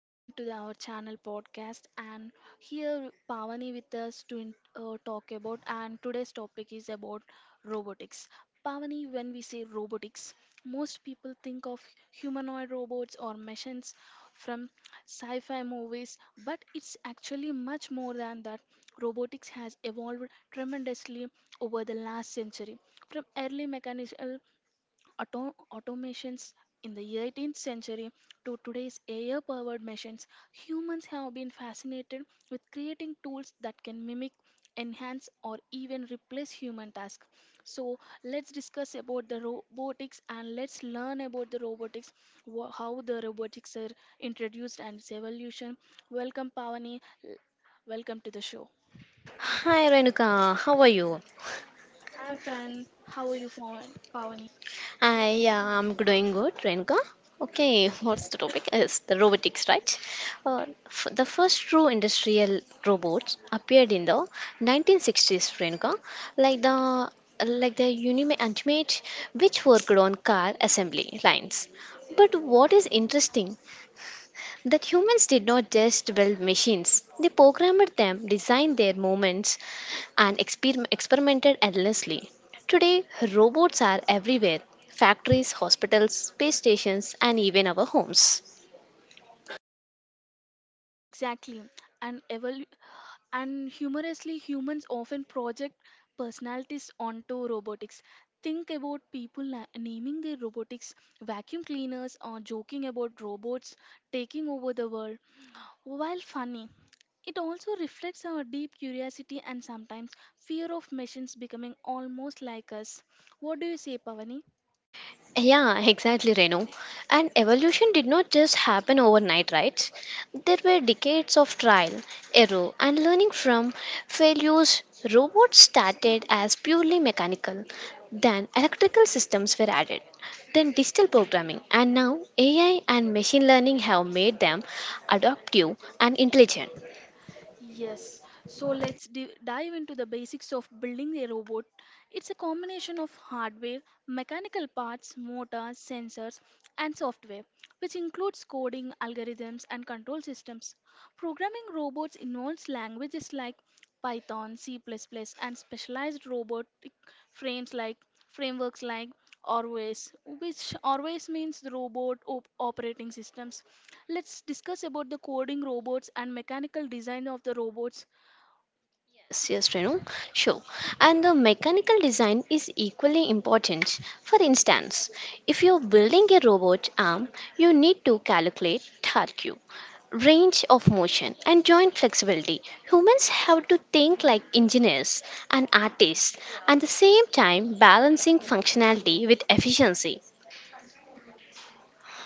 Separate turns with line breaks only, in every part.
welcome to our channel podcast. And here Pavani with us to talk about. And today's topic is about robotics. Pavani, when we say robotics, most people think of humanoid robots or machines from sci-fi movies, but it's actually much more than that. Robotics has evolved tremendously over the last century, from early mechanical automations in the 18th century to today's AI powered machines, humans have been fascinated with creating tools that can mimic, enhance, or even replace human tasks. So, let's discuss about the robotics and let's learn about the robotics, how the robotics are introduced and its evolution. Welcome, Pavani. L- Welcome to the show.
Hi Renuka, how are you?
I'm fine. How are you, Pavani?
I am doing good, Renuka. Okay, what's the topic? It's the robotics, right? The first true industrial robots appeared in the 1960s, Renuka, like the like the Unime Ultimate, which worked on car assembly lines. But what is interesting that humans did not just build machines, they programmed them, designed their movements, and experimented endlessly. Today, robots are everywhere: factories, hospitals, space stations, and even our homes.
Exactly. And evol- And humorously, humans often project personalities onto robotics. Think about people naming their robotics vacuum cleaners or joking about robots taking over the world. While funny, it also reflects our deep curiosity and sometimes fear of machines becoming almost like us. What do you say, Pavani?
Yeah, exactly, Renu. And evolution did not just happen overnight, right? There were decades of trial, error, and learning from failures. Robots started as purely mechanical, then electrical systems were added, then digital programming, and now AI and machine learning have made them adaptive and intelligent.
Yes, so let's dive into the basics of building a robot. It's a combination of hardware, mechanical parts, motors, sensors, and software, which includes coding, algorithms, and control systems. Programming robots involves languages like Python, C++, plus plus, and specialized robotic frames like frameworks like Orways, which Orways means the robot operating systems. Let's discuss about the coding robots and mechanical design of the robots.
Yes, Renu. Sure. And the mechanical design is equally important. For instance, if you're building a robot arm, you need to calculate torque, range of motion, and joint flexibility. Humans have to think like engineers and artists, at the same time balancing functionality with efficiency.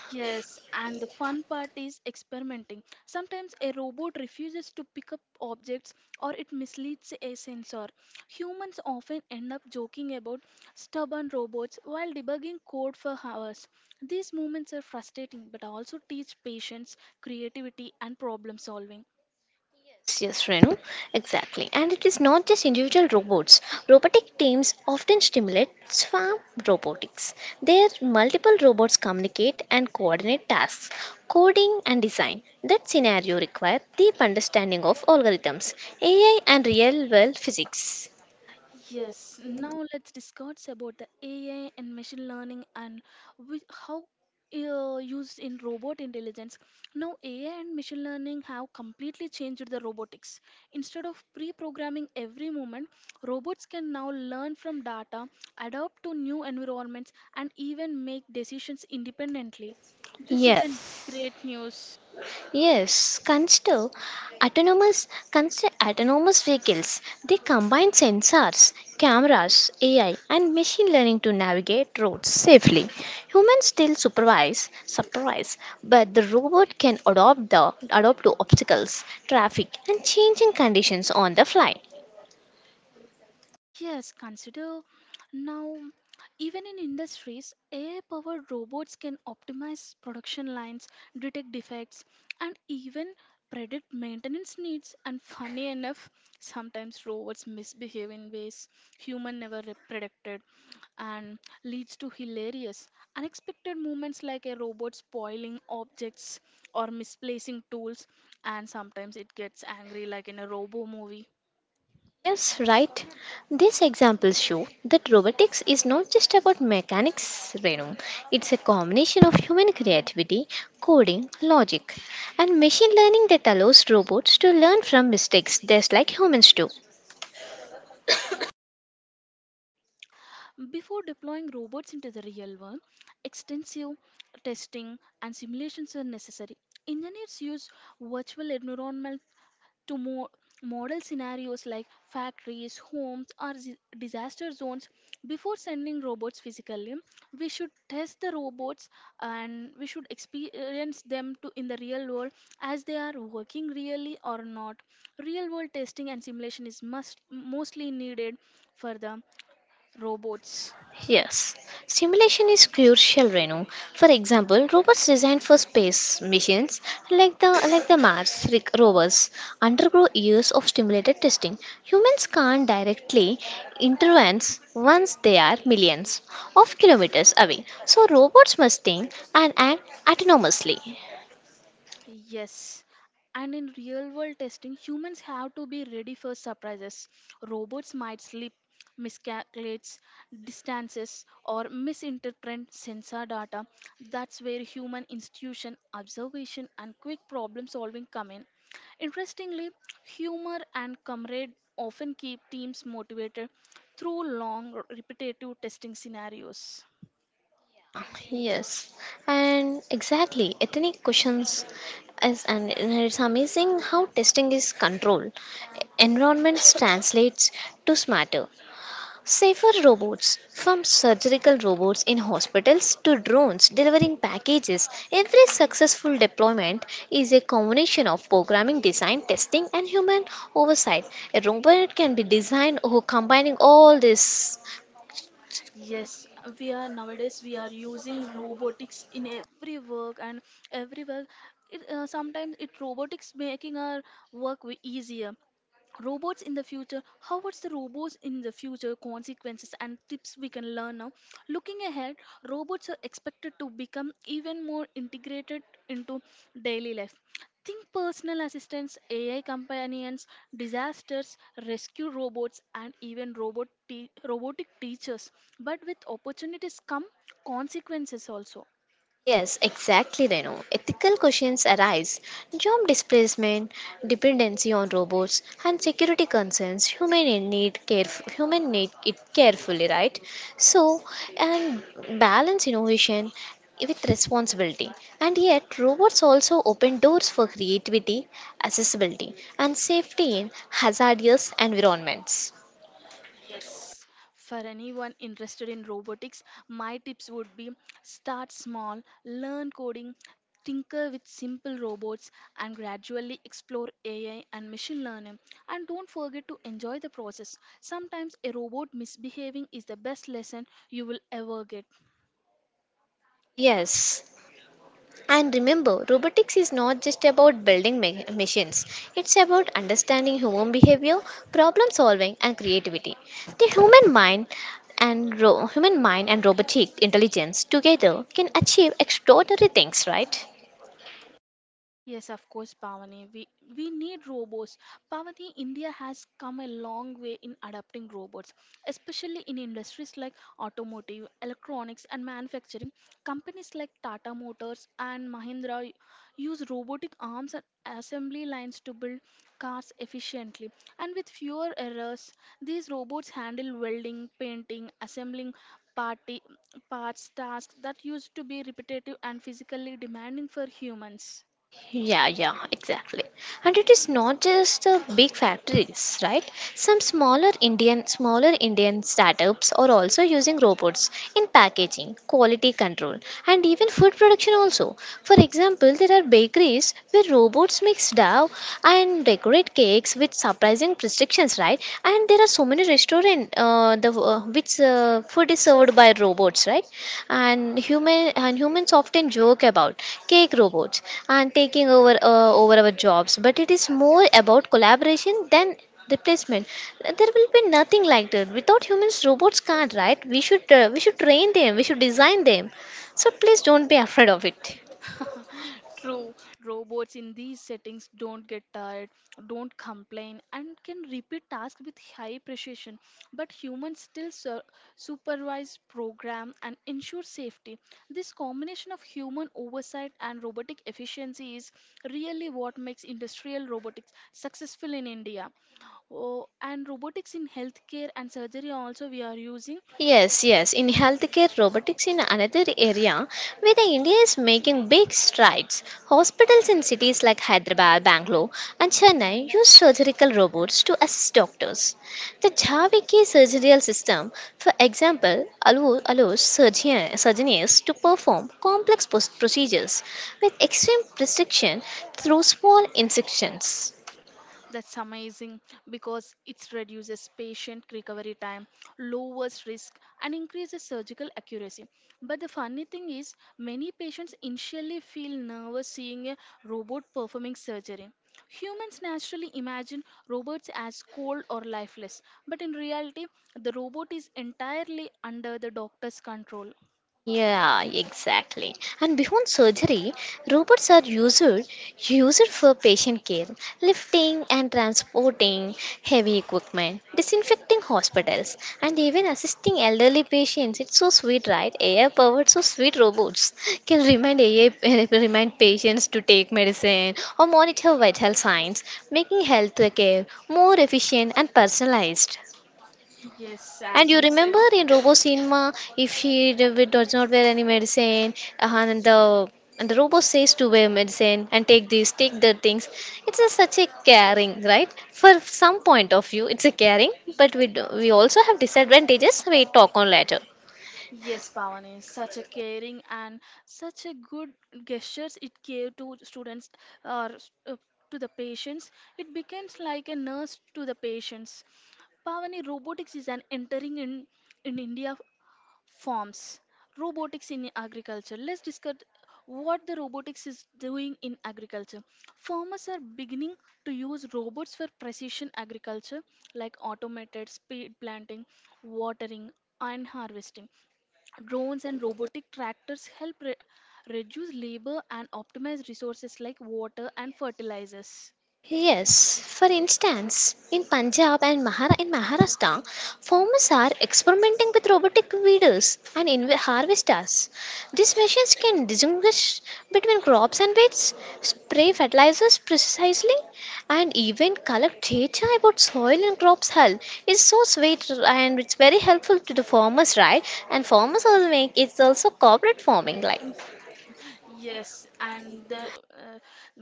Yes, and the fun part is experimenting. Sometimes a robot refuses to pick up objects or it misleads a sensor. Humans often end up joking about stubborn robots while debugging code for hours. These moments are frustrating but also teach patience, creativity, and problem solving. Yes.
Yes, Renu, exactly. And it is not just individual robots. Robotic teams often stimulate swarm robotics. There, multiple robots communicate and coordinate tasks, coding and design. That scenario requires deep understanding of algorithms, AI, and real world physics.
Yes, now let's discuss about the AI and machine learning and which, how used in robot intelligence. Now, AI and machine learning have completely changed the robotics. Instead of pre programming every moment, robots can now learn from data, adapt to new environments, and even make decisions independently. This is a Yes.
Yes.
great news.
Yes, consider autonomous vehicles. They combine sensors, cameras, AI, and machine learning to navigate roads safely. Humans still supervise, but the robot can adopt the adapt to obstacles, traffic, and changing conditions on the fly.
Yes, consider now, even in industries, AI powered robots can optimize production lines, detect defects, and even predict maintenance needs. And funny enough, sometimes robots misbehave in ways human never predicted and leads to hilarious, unexpected moments like a robot spoiling objects or misplacing tools. And sometimes it gets angry, like in a robo movie.
Yes, right. These examples show that robotics is not just about mechanics, Renu. It's a combination of human creativity, coding, logic, and machine learning that allows robots to learn from mistakes just like humans do.
Before deploying robots into the real world, extensive testing and simulations are necessary. Engineers use virtual environments to model scenarios like factories, homes, or disaster zones. Before sending robots physically, we should test the robots and we should experience them to in the real world as they are working really or not. Real world testing and simulation is must mostly needed for the robots.
Yes, simulation is crucial, Renu. For example, robots designed for space missions like the Mars rovers undergo years of stimulated testing. Humans can't directly intervene once they are millions of kilometers away. So robots must think and act autonomously.
Yes. And in real world testing, humans have to be ready for surprises. Robots might slip, miscalculate distances, or misinterpret sensor data. That's where human institution, observation, and quick problem solving come in. Interestingly, humor and comrade often keep teams motivated through long, repetitive testing scenarios.
Yeah, yes. And exactly, ethnic questions is and it's amazing how testing is controlled. Environments translates to smarter, safer robots from surgical robots in hospitals to drones delivering packages. Every successful deployment is a combination of programming, design, testing and human oversight. A robot can be designed or combining all this.
Yes, we are nowadays we are using robotics in every work and everywhere. It, sometimes it robotics making our work way easier. Robots in the future. How what's the robots in the future consequences and tips we can learn now? Looking ahead, robots are expected to become even more integrated into daily life. Think personal assistants, AI companions, disasters, rescue robots, and even robotic teachers. But with opportunities come consequences also.
Yes, exactly, Renu. Ethical questions arise. Job displacement, dependency on robots, and security concerns. Human need it carefully, right? So, and balance innovation with responsibility. And yet, robots also open doors for creativity, accessibility, and safety in hazardous environments.
Yes, for anyone interested in robotics, my tips would be start small, learn coding, tinker with simple robots, and gradually explore AI and machine learning. And don't forget to enjoy the process. Sometimes a robot misbehaving is the best lesson you will ever get.
Yes. And remember, robotics is not just about building machines, it's about understanding human behavior, problem solving, and creativity. The human mind and robotic intelligence together can achieve extraordinary things, right?
Yes, of course, Pavani. We need robots. Pavani, India has come a long way in adapting robots, especially in industries like automotive, electronics, and manufacturing. Companies like Tata Motors and Mahindra use robotic arms and assembly lines to build cars efficiently and with fewer errors. These robots handle welding, painting, assembling party parts tasks that used to be repetitive and physically demanding for humans.
Yeah, yeah, exactly. And it is not just the big factories, right? Some smaller Indian startups are also using robots in packaging, quality control, and even food production also. For example, there are bakeries where robots mix dough and decorate cakes with surprising restrictions, right? And there are so many restaurants different the which food is served by robots, right. And humans often joke about cake robots and taking over over our jobs, but it is more about collaboration than replacement. There will be nothing like that without humans. Robots can't, right? We should train them, we should design them, so please don't be afraid of it.
True, robots in these settings don't get tired, don't complain, and can repeat tasks with high precision. But humans still supervise, program, and ensure safety. This combination of human oversight and robotic efficiency is really what makes industrial robotics successful in India. Oh, and robotics in healthcare and surgery also we are using.
Yes, yes. In healthcare robotics in another area where the India is making big strides. Hospitals in cities like Hyderabad, Bangalore and Chennai use surgical robots to assist doctors. The Javiki surgical system, for example, allows surgeons to perform complex procedures with extreme precision through small incisions.
That's amazing because it reduces patient recovery time, lowers risk, and increases surgical accuracy. But the funny thing is, many patients initially feel nervous seeing a robot performing surgery. Humans naturally imagine robots as cold or lifeless, but in reality, the robot is entirely under the doctor's control.
Yeah, exactly. And beyond surgery, robots are used for patient care, lifting and transporting heavy equipment, disinfecting hospitals, and even assisting elderly patients. It's so sweet, right? AI powered, so sweet robots can remind AI remind patients to take medicine or monitor vital signs, making healthcare more efficient and personalized.
Yes,
And
as
you
you said.
remember in Robo Cinema, if she does not wear any medicine, and the robot says to wear medicine and take these, take the things. It's a, such a caring, right? For some point of view, it's a caring, but we do, we also have disadvantages. We talk on later.
Yes, Pavani, such a caring and such a good gestures it gave to students or to the patients. It becomes like a nurse to the patients. Pavani, robotics is an entering in India forms. Robotics in agriculture. Let's discuss what the robotics is doing in agriculture. Farmers are beginning to use robots for precision agriculture like automated speed planting, watering, and harvesting. Drones and robotic tractors help reduce labor and optimize resources like water and fertilizers.
Yes, for instance, in in Maharashtra, farmers are experimenting with robotic weeders and harvesters. These machines can distinguish between crops and weeds, spray fertilizers precisely, and even collect data about soil and crops health. It's so sweet and it's very helpful to the farmers, right? And farmers also make it's also corporate farming, like.
Yes, and the uh,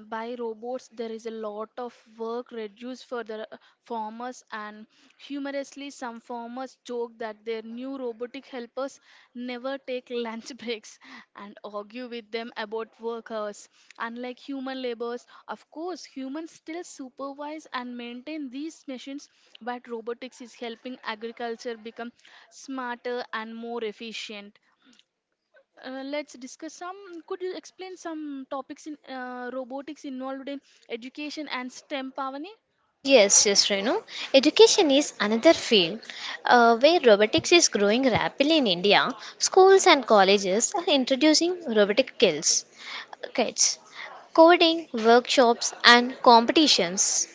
by robots there is a lot of work reduced for the farmers and humorously some farmers joke that their new robotic helpers never take lunch breaks and argue with them about workers. Unlike human laborers, of course, humans still supervise and maintain these machines, but robotics is helping agriculture become smarter and more efficient. Let's discuss some. Could you explain some topics in robotics involved in education and STEM, Pavani?
Yes, Renu. Education is another field where robotics is growing rapidly in India. Schools and colleges are introducing robotic skills, kits, coding, workshops, and competitions.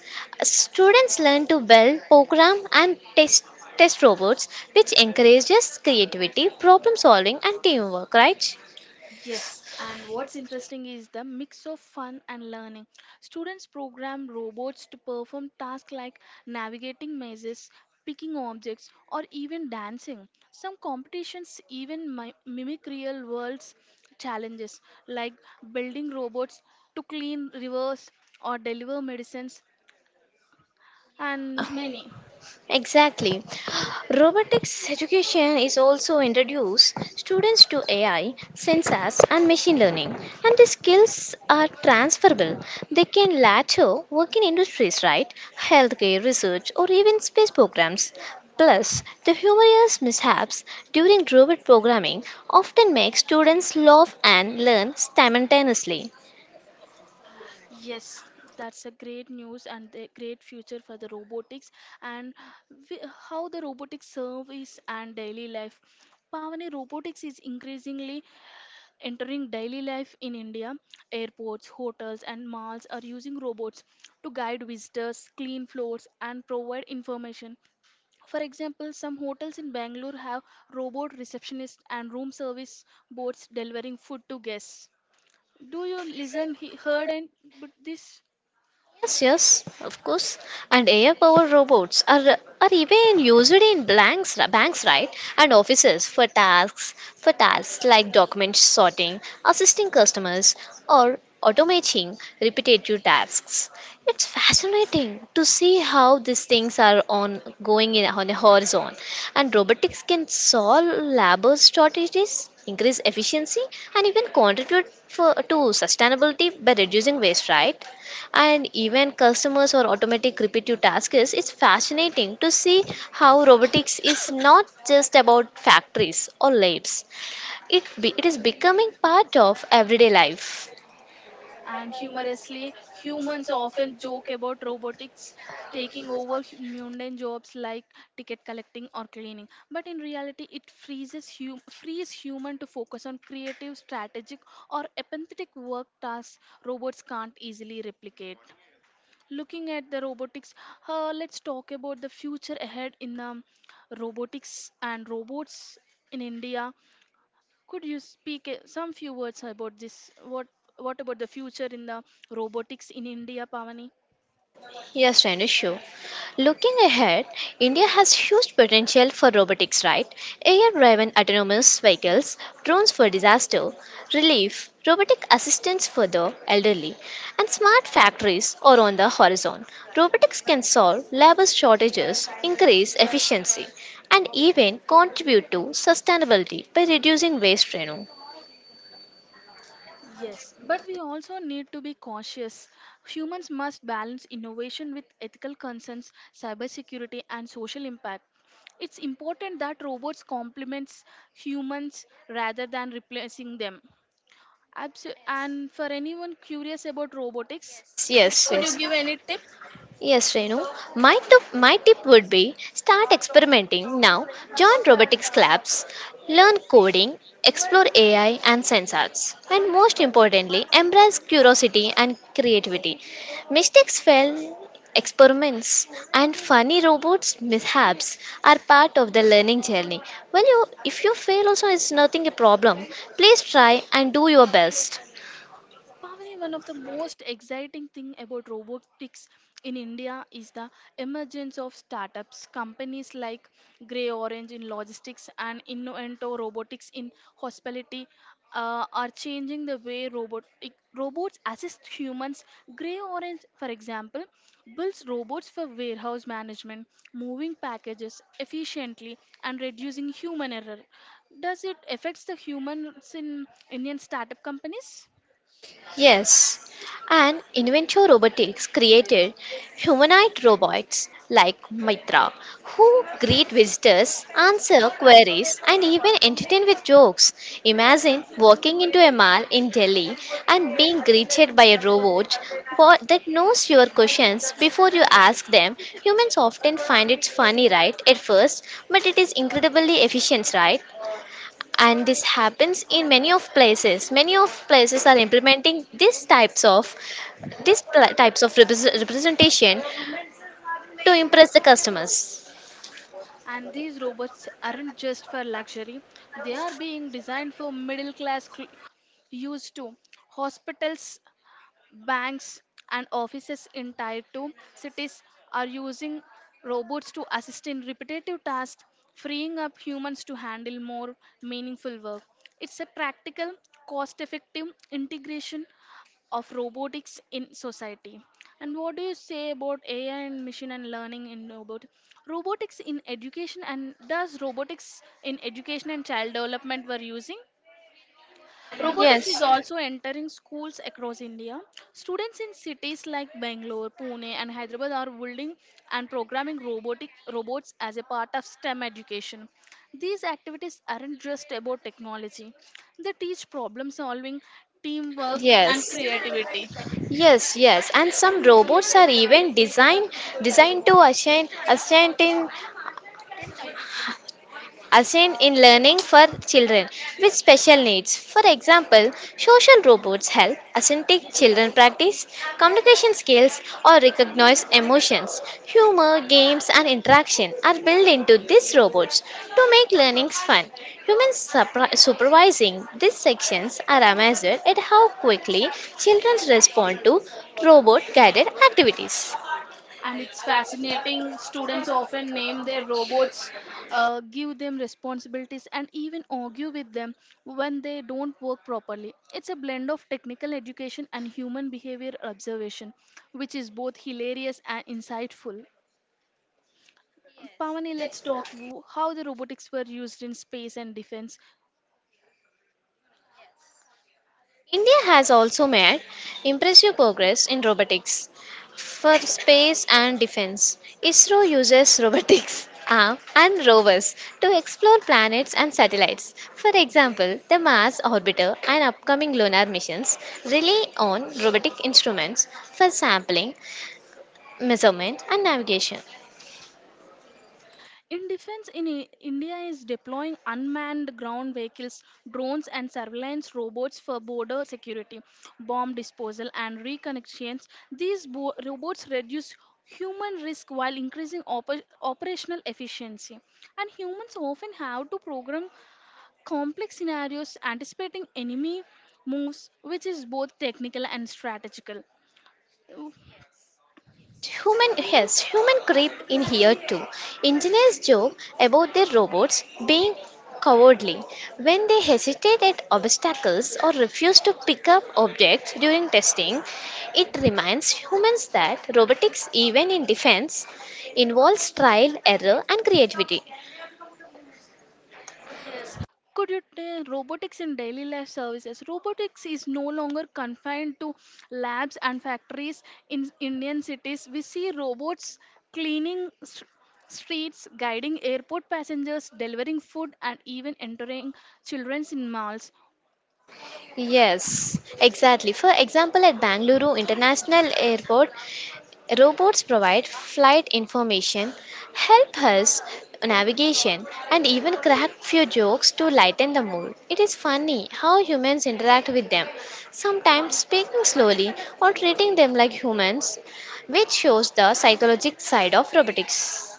Students learn to build, program, and test robots, which encourages creativity, problem solving, and teamwork. Right?
Yes, and what's interesting is the mix of fun and learning. Students program robots to perform tasks like navigating mazes, picking objects, or even dancing. Some competitions even mimic real world's challenges, like building robots to clean rivers or deliver medicines,
Yeah.
and many.
Exactly. Robotics education is also introduced students to AI, sensors and machine learning and the skills are transferable. They can later work in industries, right? Healthcare, research or even space programs. Plus, the humorous mishaps during robot programming often make students laugh and learn simultaneously.
Yes, that's a great news and a great future for the robotics and we, how the robotics service and daily life. Pavani, robotics is increasingly entering daily life in India. Airports, hotels, and malls are using robots to guide visitors, clean floors, and provide information. For example, some hotels in Bangalore have robot receptionists and room service bots delivering food to guests. Do you listen, he, heard, and but this?
Yes, yes, of course. And AI-powered robots are even used in blanks, banks, right? And offices for tasks like document sorting, assisting customers, or automating repetitive tasks. It's fascinating to see how these things are on going in on a horizon, and robotics can solve labor shortages, increase efficiency, and even contribute for, to sustainability by reducing waste, right? And even customers or automatic repetitive tasks. It's fascinating to see how robotics is not just about factories or labs. It, be, it is becoming part of everyday life.
And humorously, humans often joke about robotics taking over mundane jobs like ticket collecting or cleaning. But in reality, it frees human to focus on creative, strategic, or empathetic work tasks robots can't easily replicate. Looking at the robotics, let's talk about the future ahead in robotics and robots in India. Could you speak some few words about this? What about the future in the robotics in India, Pavani?
Yes, Renishu. Looking ahead, India has huge potential for robotics, right? AI driven autonomous vehicles, drones for disaster relief, robotic assistance for the elderly, and smart factories are on the horizon. Robotics can solve labor shortages, increase efficiency, and even contribute to sustainability by reducing waste, Renu.
Yes, but we also need to be cautious. Humans must balance innovation with ethical concerns, cybersecurity, and social impact. It's important that robots complements humans rather than replacing them. And for anyone curious about robotics,
Yes, yes,
could you
yes.
give any tip?
Yes, Renu. My tip would be start experimenting now. Join robotics clubs, learn coding, explore AI and sensors, and most importantly, embrace curiosity and creativity. Mistakes, fail, experiments, and funny robots mishaps are part of the learning journey. Well, you, if you fail also, it's nothing a problem. Please try and do your best.
Pavani, one of the most exciting thing about robotics in India is the emergence of startups. Companies like Grey Orange in logistics and Innovento Robotics in hospitality are changing the way robotic robots assist humans. Grey Orange, for example, builds robots for warehouse management, moving packages efficiently and reducing human error. Does it affects the humans in Indian startup companies?
Yes, and Inventio Robotics created humanoid robots like Mitra, who greet visitors, answer queries, and even entertain with jokes. Imagine walking into a mall in Delhi and being greeted by a robot that knows your questions before you ask them. Humans often find it funny, right, at first, but it is incredibly efficient, right? And this happens in many of places are implementing these types of types of representation to impress the customers.
And these robots aren't just for luxury, they are being designed for middle class use too. Hospitals, banks, and offices in tier 2 cities are using robots to assist in repetitive tasks, freeing up humans to handle more meaningful work. It's a practical, cost effective integration of robotics in society. And what do you say about AI and machine and learning in robotics in education and does robotics in education and child development we're using? Robotics
yes
is also entering schools across India. Students in cities like Bangalore, Pune, and Hyderabad are building and programming robotic robots as a part of STEM education. These activities aren't just about technology, they teach problem solving, teamwork, and
yes
creativity.
yes yes and some robots are even designed to assign ascertain assigned in learning for children with special needs. For example, social robots help autistic children practice communication skills or recognize emotions. Humor, games, and interaction are built into these robots to make learnings fun. Humans supervising these sections are amazed at how quickly children respond to robot guided activities.
And it's fascinating. Students often name their robots, give them responsibilities, and even argue with them when they don't work properly. It's a blend of technical education and human behavior observation, which is both hilarious and insightful. Pavani, let's talk how the robotics were used in space and defense.
India has also made impressive progress in robotics for space and defense. ISRO uses robotics arm and rovers to explore planets and satellites. For example, the Mars orbiter and upcoming lunar missions rely on robotic instruments for sampling, measurement, and navigation.
In defense, India is deploying unmanned ground vehicles, drones, and surveillance robots for border security, bomb disposal, and reconnections. These robots reduce human risk while increasing operational efficiency. And humans often have to program complex scenarios anticipating enemy moves, which is both technical and strategical.
Yes, human. Yes, human creep in here too. Engineers joke about their robots being cowardly when they hesitate at obstacles or refuse to pick up objects during testing. It reminds humans that robotics, even in defense, involves trial, error, and creativity.
Could you tell robotics in daily life services? Robotics is no longer confined to labs and factories in Indian cities. We see robots cleaning streets, guiding airport passengers, delivering food, and even entering children in malls.
Yes, exactly. For example, at Bangalore International Airport, robots provide flight information, help us navigation, and even crack few jokes to lighten the mood. It is funny how humans interact with them, sometimes speaking slowly or treating them like humans, which shows the psychological side of robotics.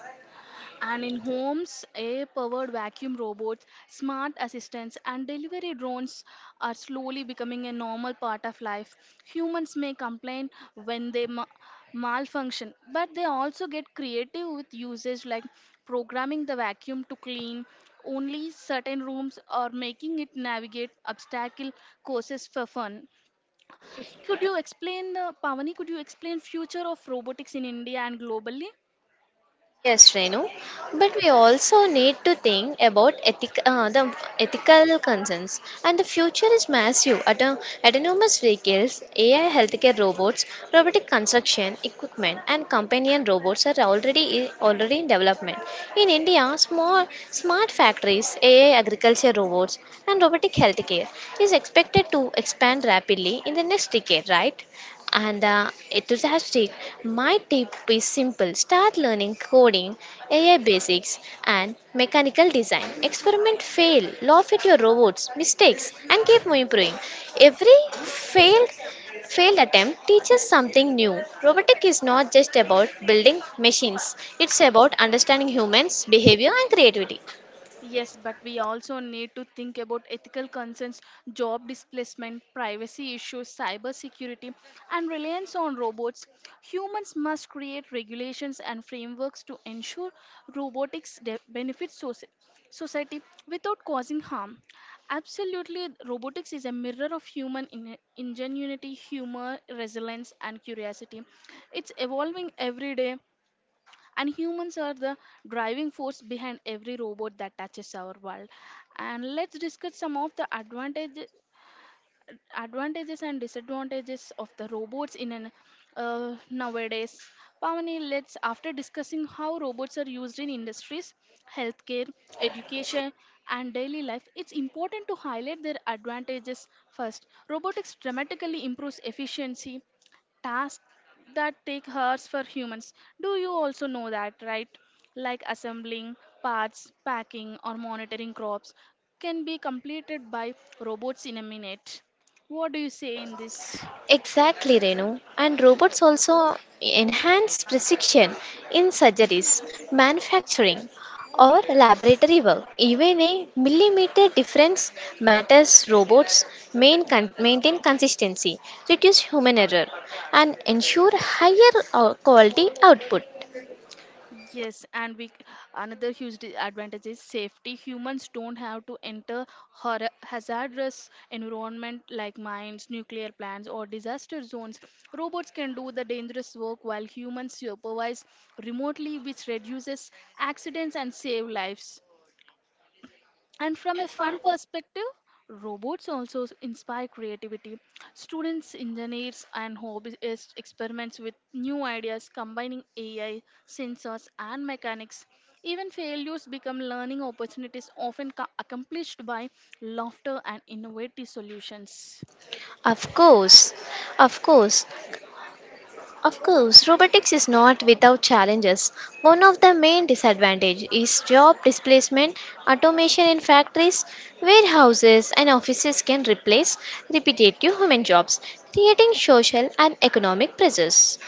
And in homes, AI powered vacuum robots, smart assistants, and delivery drones are slowly becoming a normal part of life. Humans may complain when they malfunction, but they also get creative with usage like programming the vacuum to clean only certain rooms or making it navigate obstacle courses for fun. Could you explain, Pavani, could you explain future of robotics in India and globally?
Yes, Renu, but we also need to think about the ethical concerns. And the future is massive. Autonomous vehicles, AI healthcare robots, robotic construction equipment, and companion robots are already in development. In India, small smart factories, AI agriculture robots, and robotic healthcare is expected to expand rapidly in the next decade. Right? And enthusiastic. My tip is simple start learning coding, AI basics, and mechanical design. Experiment, fail, laugh at your robots, mistakes, and keep improving. Every failed attempt teaches something new. Robotic is not just about building machines, it's about understanding humans, behavior, and creativity.
Yes, but we also need to think about ethical concerns, job displacement, privacy issues, cybersecurity, and reliance on robots. Humans must create regulations and frameworks to ensure robotics benefits society without causing harm. Absolutely, robotics is a mirror of human ingenuity, humor, resilience, and curiosity. It's evolving every day, and humans are the driving force behind every robot that touches our world. And let's discuss some of the advantages and disadvantages of the robots in an nowadays pavani. Let's, after discussing how robots are used in industries, healthcare, education, and daily life, it's important to highlight their advantages. First, robotics dramatically improves efficiency, tasks that take hours for humans. Do you also know that, right? Like assembling parts, packing, or monitoring crops can be completed by robots in a minute. What do you say in this?
Exactly, Renu. And robots also enhance precision in surgeries, manufacturing, or laboratory work. Even a millimeter difference matters. Robots maintain consistency, reduce human error, and ensure higher quality output.
Yes, and we another huge advantage is safety. Humans don't have to enter hazardous environment like mines, nuclear plants, or disaster zones. Robots can do the dangerous work while humans supervise remotely, which reduces accidents and save lives. And from a fun perspective, robots also inspire creativity. Students, engineers, and hobbyists experiments with new ideas combining AI, sensors, and mechanics. Even failures become learning opportunities, often accomplished by laughter and innovative solutions.
Of course, of course, Of course, robotics is not without challenges. One of the main disadvantages is job displacement. Automation in factories, warehouses, and offices can replace repetitive human jobs, creating social and economic pressures.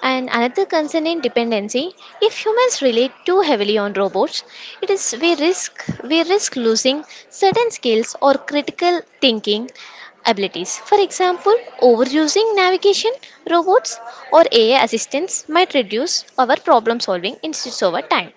And another concern in dependency, if humans rely too heavily on robots, it is we risk losing certain skills or critical thinking abilities. For example, overusing navigation robots or AI assistants might reduce our problem solving instead over time.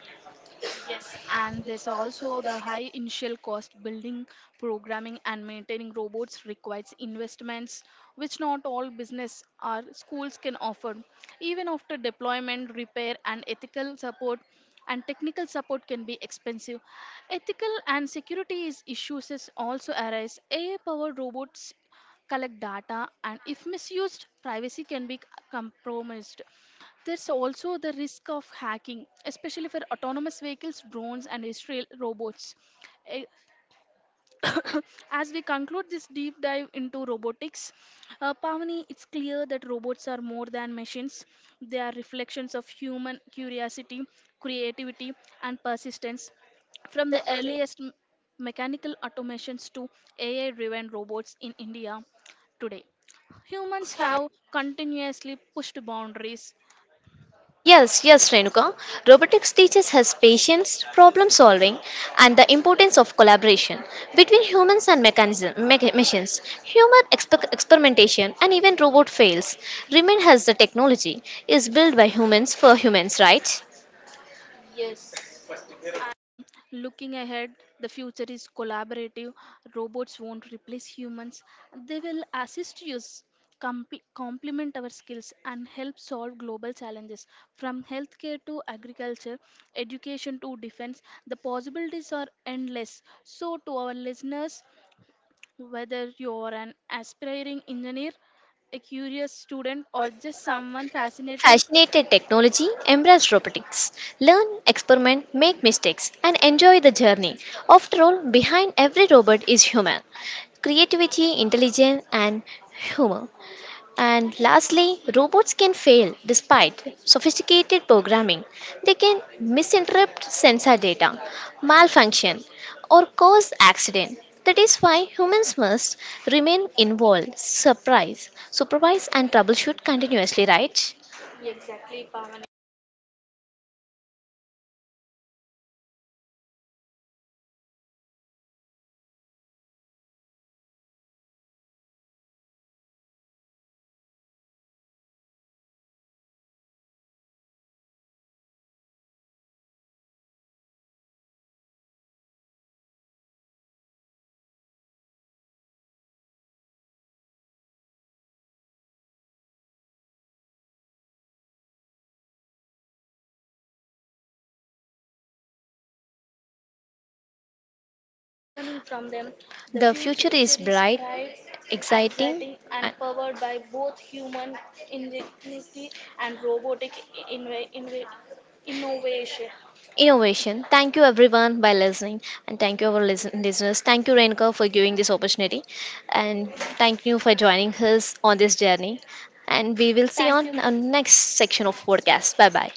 Yes, and there's also the high initial cost building, programming, and maintaining robots requires investments, which not all business or schools can offer. Even after deployment, repair, and ethical support, and technical support can be expensive. Ethical and security issues is also arise. AI powered robots collect data, and if misused, privacy can be compromised. There's also the risk of hacking, especially for autonomous vehicles, drones, and Israel robots. Eh, As we conclude this deep dive into robotics, Pavani, it's clear that robots are more than machines. They are reflections of human curiosity, creativity, and persistence. From the earliest mechanical automations to AI driven robots in India today, humans have continuously pushed boundaries.
Yes, yes, Renuka. Robotics teaches us patience, problem solving, and the importance of collaboration between humans and machines. Human experimentation and even robot fails remain as the technology is built by humans for humans, right?
And looking ahead, the future is collaborative. Robots won't replace humans, they will assist us, complement our skills, and help solve global challenges. From healthcare to agriculture, education to defense, the possibilities are endless. So, to our listeners, whether you're an aspiring engineer, a curious student, or just someone fascinated
Fascinated technology, embrace robotics, learn, experiment, make mistakes, and enjoy the journey. After all, behind every robot is human. Creativity, intelligence, and humor. And lastly, robots can fail despite sophisticated programming. They can misinterpret sensor data, malfunction, or cause accident. That is why humans must remain involved, surprise, supervise, and troubleshoot continuously, right? The future is bright, exciting, and innovation. Thank you everyone by listening, and thank you our listeners. Thank you Renka for giving this opportunity, and thank you for joining us on this journey. And we will see on our next section of podcast. Bye bye.